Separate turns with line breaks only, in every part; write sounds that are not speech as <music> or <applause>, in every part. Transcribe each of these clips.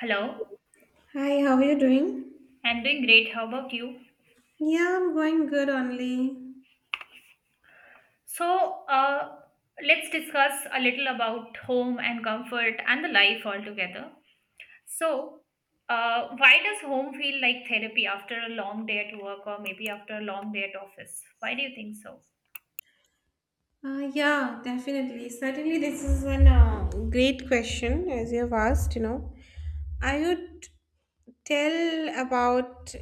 Hello,
Hi, how are you doing?
I'm doing great. How about you?
Yeah, I'm going good only.
So, uh, let's discuss a little about home and comfort and the life altogether. So, why does home feel like therapy after a long day at work, or maybe after a long day at office? Why do you think so?
Yeah, definitely. Certainly, this is one great question as you have asked, I would tell about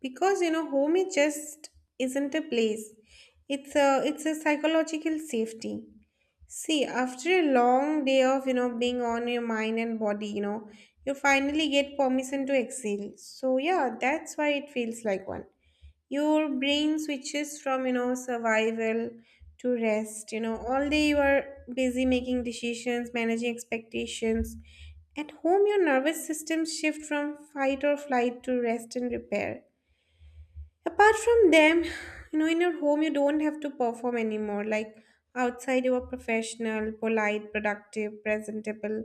because home is just isn't a place. It's a psychological safety. See, after a long day of being on your mind and body, you finally get permission to exhale. So yeah, that's why it feels like one. Your brain switches from survival to rest. All day you are busy making decisions, managing expectations. At home, your nervous system shift from fight or flight to rest and repair. Apart from them, in your home, you don't have to perform anymore. Like outside, you are professional, polite, productive, presentable.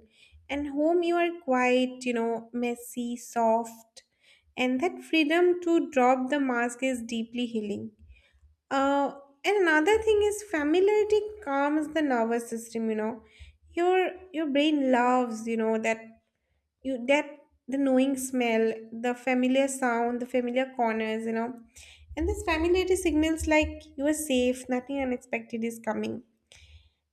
And home, you are quite, messy, soft. And that freedom to drop the mask is deeply healing. Uh, and another thing is, familiarity calms the nervous system, you know. Your brain loves, that you that the knowing smell, the familiar sound, the familiar corners, and this familiarity signals like you are safe, nothing unexpected is coming.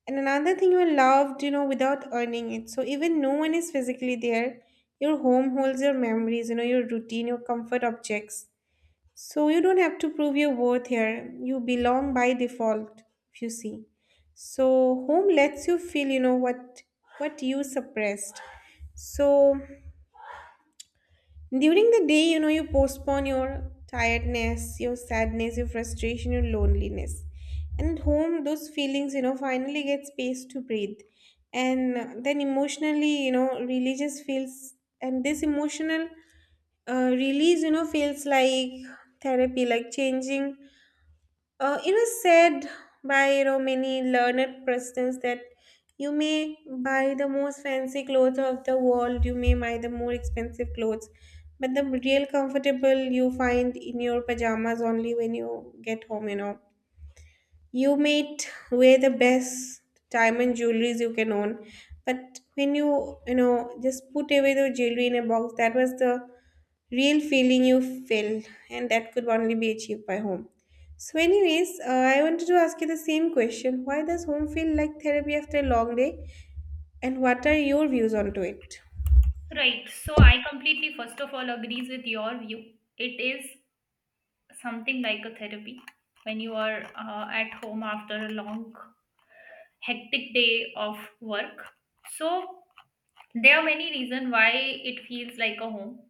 And another thing, you are loved, without earning it. So even no one is physically there, your home holds your memories, your routine, your comfort objects. So you don't have to prove your worth. Here you belong by default. If you see, so home lets you feel what you suppressed. So during the day, you postpone your tiredness, your sadness, your frustration, your loneliness. And at home, those feelings, finally get space to breathe. And then emotionally, religious feels, and this emotional release, feels like therapy, like changing. It is said by many learned persons that you may buy the most fancy clothes of the world, you may buy the more expensive clothes, but the real comfortable you find in your pajamas only when you get home. You might wear the best diamond jewelries you can own, but when you know just put away the jewelry in a box, that was the real feeling you felt. And that could only be achieved by home. So anyways, I wanted to ask you the same question: why does home feel like therapy after a long day, and what are your views onto it?
Right. So, I completely, first of all, agrees with your view. It is something like a therapy when you are at home after a long, hectic day of work. So, there are many reasons why it feels like a home,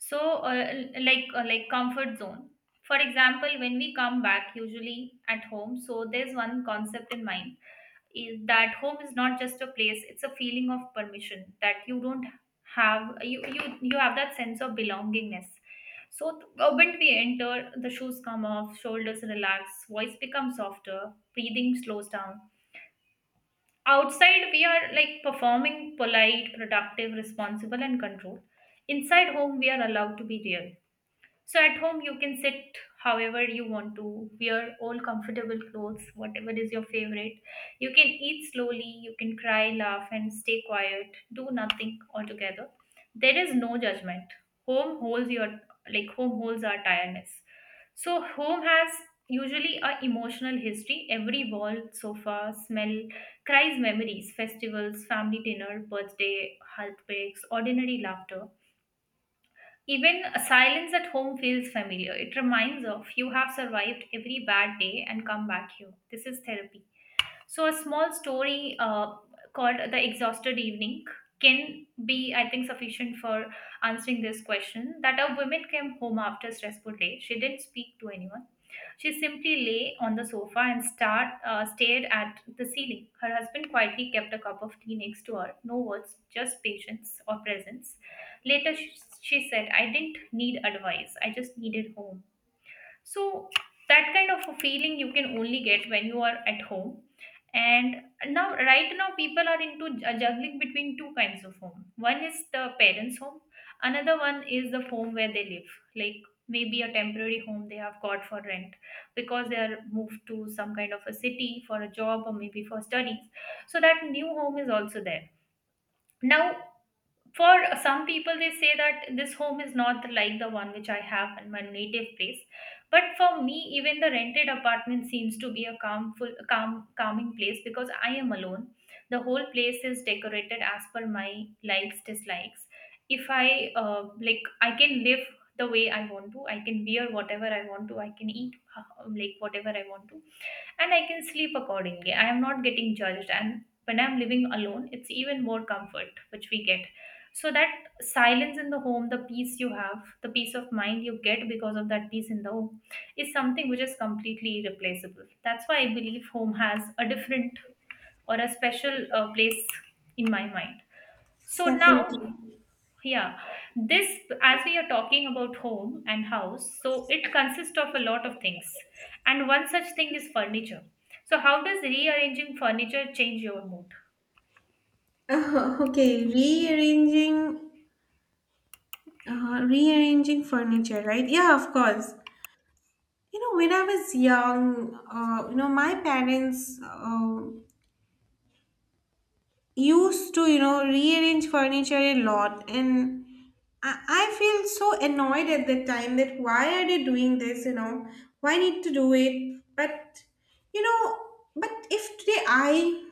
so uh, like comfort zone. For example, when we come back usually at home, so there's one concept in mind is that home is not just a place, it's a feeling of permission that you don't have you you, you have that sense of belongingness. So the moment we enter, the shoes come off, shoulders relax, voice becomes softer, breathing slows down. Outside, we are like performing, polite, productive, responsible and controlled. Inside home, we are allowed to be real. So at home, you can sit however you want to, wear all comfortable clothes, whatever is your favorite. You can eat slowly, you can cry, laugh, and stay quiet, do nothing altogether. There is no judgment. Home holds your Like home holds our tiredness. So home has usually a emotional history. Every wall, sofa, smell, cries memories, festivals, family dinner, birthday, heartbreaks, ordinary laughter. Even a silence at home feels familiar. It reminds of you have survived every bad day and come back here. This is therapy. So a small story called The Exhausted Evening can be, I think, sufficient for answering this question. That a woman came home after a stressful day. She didn't speak to anyone. She simply lay on the sofa and stared at the ceiling. Her husband quietly kept a cup of tea next to her. No words, just patience or presence. Later, she said, I didn't need advice. I just needed home. So that kind of a feeling you can only get when you are at home. And now, right now, people are into juggling between two kinds of home. One is the parents' home, another one is the home where they live, like maybe a temporary home they have got for rent because they are moved to some kind of a city for a job or maybe for studies. So that new home is also there. Now, for some people, they say that this home is not like the one which I have in my native place, but for me, even the rented apartment seems to be a calmful calm calming place because I am alone. The whole place is decorated as per my likes, dislikes. If i uh, like I can live the way I want to, I can wear whatever I want to, I can eat whatever I want to, and I can sleep accordingly. I am not getting judged, and when I'm living alone, it's even more comfort which we get. So that silence in the home, the peace you have, the peace of mind you get because of that peace in the home, is something which is completely irreplaceable. That's why I believe home has a different or a special place in my mind. So now,
Definitely.
yeah, this, as we are talking about home and house, so it consists of a lot of things. And one such thing is furniture. So, how does rearranging furniture change your mood?
Okay, rearranging furniture, right? Yeah, of course. You know, when I was young, my parents used to, rearrange furniture a lot. And I feel so annoyed at that time that why are they doing this, you know? Why need to do it? But, you know, but if today I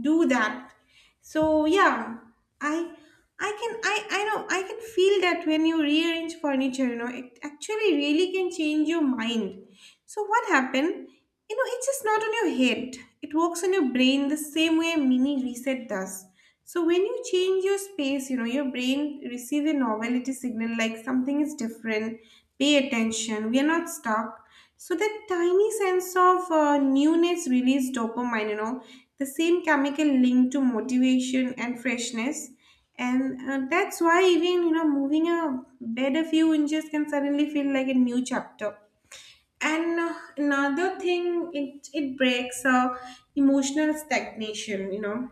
do that, so yeah, I I know I can feel that when you rearrange furniture, it actually really can change your mind. So what happened? You know, it's just not on your head. It works on your brain the same way a mini reset does. So when you change your space, your brain receives a novelty signal like something is different, pay attention, we are not stuck. So that tiny sense of newness releases dopamine, you know, the same chemical linked to motivation and freshness. And that's why even, you know, moving a bed a few inches can suddenly feel like a new chapter. And another thing, it breaks emotional stagnation, you know.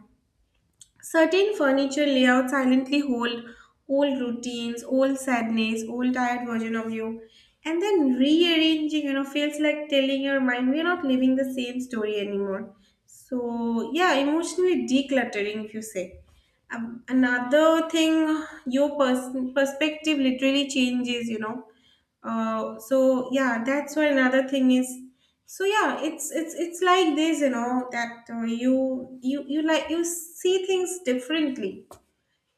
Certain furniture layouts silently hold old routines, old sadness, old tired version of you. And then rearranging, you know, feels like telling your mind we're not living the same story anymore. So, yeah, emotionally decluttering, if you say. Another thing, your perspective literally changes, you know. So, yeah, that's why another thing is, so yeah, it's like this, you know, that you like you see things differently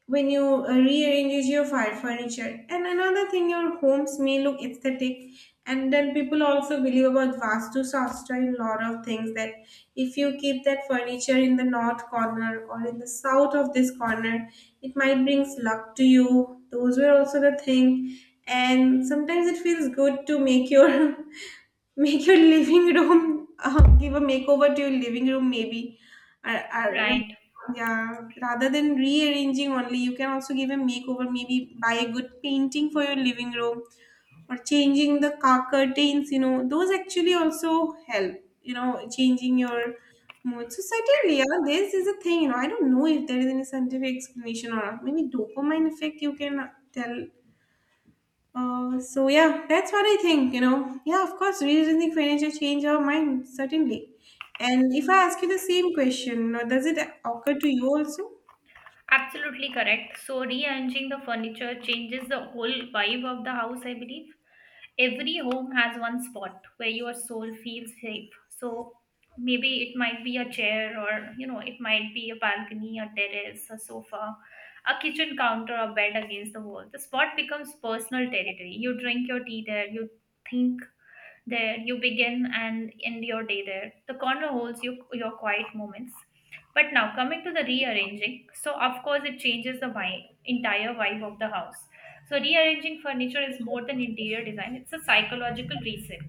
when you rearrange your fire furniture. And another thing, your homes may look aesthetic. And then people also believe about vastu shastra in lot of things, that if you keep that furniture in the north corner or in the south of this corner, it might brings luck to you. Those were also the thing. And sometimes it feels good to make your <laughs> make your living room, give a makeover to your living room, maybe. Or,
Right,
yeah, rather than rearranging only, you can also give a makeover, maybe buy a good painting for your living room, or changing the car curtains, you know, those actually also help, you know, changing your mood. So, certainly, yeah, this is a thing, you know. I don't know if there is any scientific explanation or not. Maybe dopamine effect, you can tell. So yeah, that's what I think. You know, yeah, of course, revisiting furniture change our mind certainly. And if I ask you the same question, you, does it occur to you also?
absolutely correct. So, rearranging the furniture changes the whole vibe of the house, I believe. Every home has one spot where your soul feels safe. So maybe it might be a chair, or you know, it might be a balcony, a terrace, a sofa, a kitchen counter, a bed against the wall. The spot becomes personal territory. You drink your tea there, you think there, you begin and end your day there. The corner holds you, your quiet moments. But now coming to the rearranging, so of course it changes the vibe, entire vibe of the house. So rearranging furniture is more than interior design, it's a psychological reset.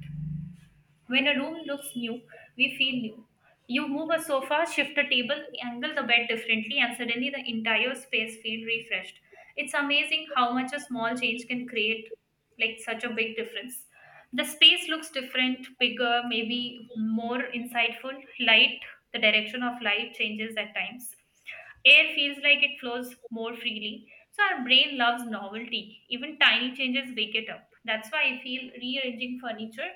When a room looks new, we feel new. You move a sofa, shift a table, angle the bed differently, and suddenly the entire space feels refreshed. It's amazing how much a small change can create like such a big difference. The space looks different, bigger, maybe more insightful. Light, the direction of light changes at times. Air feels like it flows more freely. So our brain loves novelty. Even tiny changes wake it up. That's why I feel rearranging furniture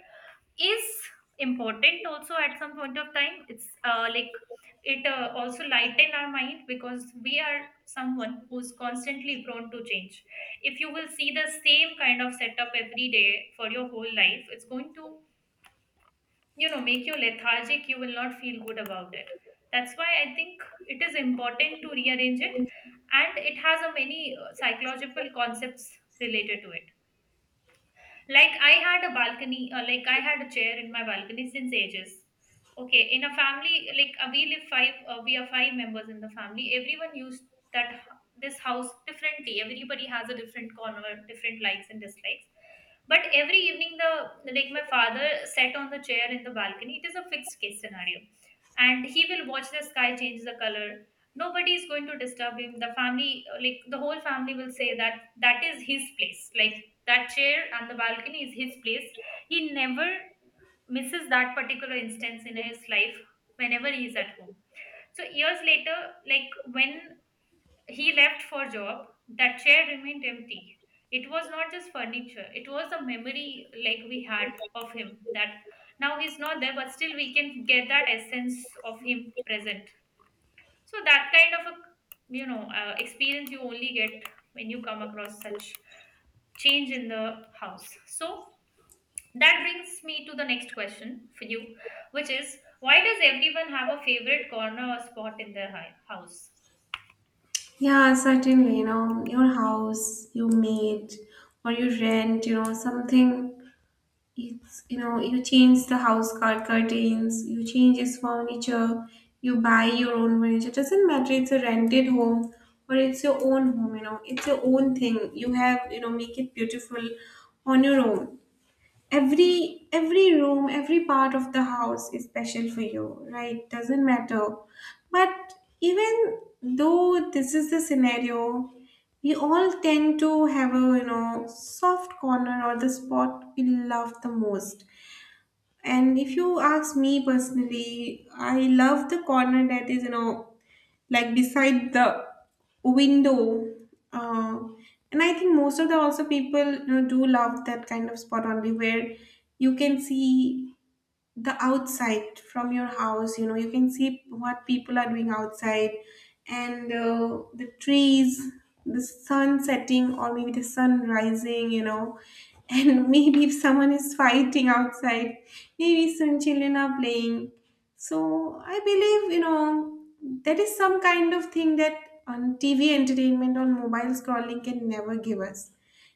is important also. At some point of time, it also lighten our mind, because we are someone who's constantly prone to change. If you will see the same kind of setup every day for your whole life, it's going to, you know, make you lethargic, you will not feel good about it. That's why I think it is important to rearrange it. And it has a many psychological concepts related to it. Like I had a chair in my balcony since ages. Okay, in a family, like we are 5 members in the family. Everyone used this house differently. Everybody has a different corner, different likes and dislikes. But every evening, the like my father sat on the chair in the balcony. It is a fixed case scenario. And he will watch the sky change the color. Nobody is going to disturb him. The family uh, like the whole family will say that that is his place, like that chair and the balcony is his place. He never misses that particular instance in his life whenever he is at home. So years later, like when he left for job, that chair remained empty. It was not just furniture, it was a memory like we had of him. That now he's not there, but still we can get that essence of him present. So that kind of a, you know, experience you only get when you come across such change in the house. So that brings me to the next question for you, which is why does everyone have a favorite corner or spot in their house?
Yeah, certainly. You know, your house you made or you rent, you know, something. It's, you know, you change the house curtains, you change its furniture, you buy your own furniture. Doesn't matter, it's a rented home or it's your own home, you know. It's your own thing, you have, you know, make it beautiful on your own. Every room, every part of the house is special for you, right? Doesn't matter. But even though this is the scenario, we all tend to have a, you know, soft corner or the spot we love the most. And if you ask me personally, I love the corner that is, you know, like beside the window. Uh, and I think most of the also people, you know, do love that kind of spot only, where you can see the outside from your house. You know, you can see what people are doing outside and the trees, the sun setting or maybe the sun rising, you know. And <laughs> maybe if someone is fighting outside, maybe some children are playing. So I believe, you know, that is some kind of thing that on tv entertainment, on mobile scrolling, can never give us.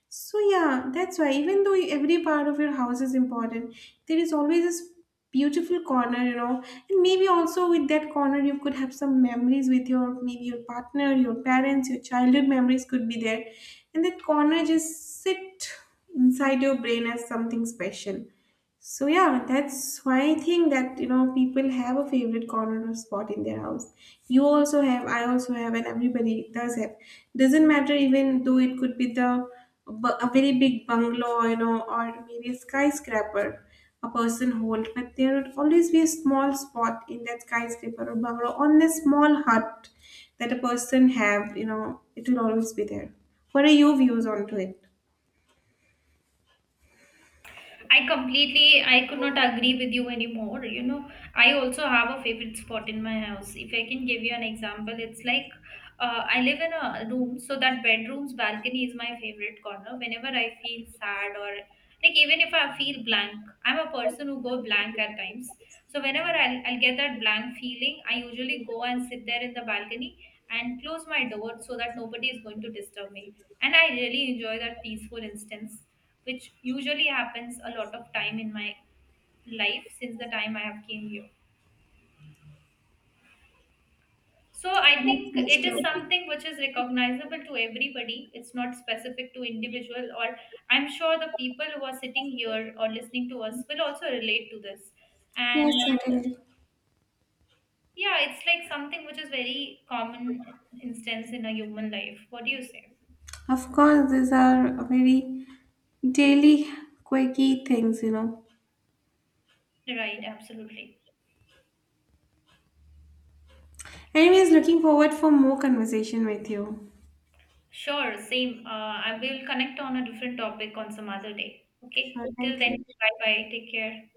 So yeah, that's why, even though every part of your house is important, there is always this beautiful corner, you know. And maybe also with that corner you could have some memories with your, maybe your partner, your parents, your childhood memories could be there. And that corner just sit inside your brain as something special. So yeah, that's why I think that you know people have a favorite corner or spot in their house. You also have, I also have, and everybody does have. Doesn't matter, even though it could be the a very big bungalow, you know, or maybe a skyscraper a person hold, but there would always be a small spot in that skyscraper or bungalow on a small hut that a person have. You know, it will always be there. What are your views onto it?
I completely, I could not agree with you anymore. You know, I also have a favorite spot in my house. If I can give you an example, it's like I live in a room, so that bedroom's balcony is my favorite corner. Whenever I feel sad, or like even if I feel blank, I'm a person who go blank at times. So whenever I'll get that blank feeling, I usually go and sit there in the balcony and close my door so that nobody is going to disturb me. And I really enjoy that peaceful instance which usually happens a lot of time in my life since the time I have came here. So I think it is something which is recognizable to everybody. It's not specific to individual, or I'm sure the people who are sitting here or listening to us will also relate to this. And yeah, it's like something which is very common instance in a human life. What do you say?
Of course, these are very daily, quirky things, you know.
Right, absolutely.
Anyways, looking forward for more conversation with you.
Sure, same. And we'll connect on a different topic on some other day.
Sure,
Okay. Till
thank
then,
you.
bye bye. Take care.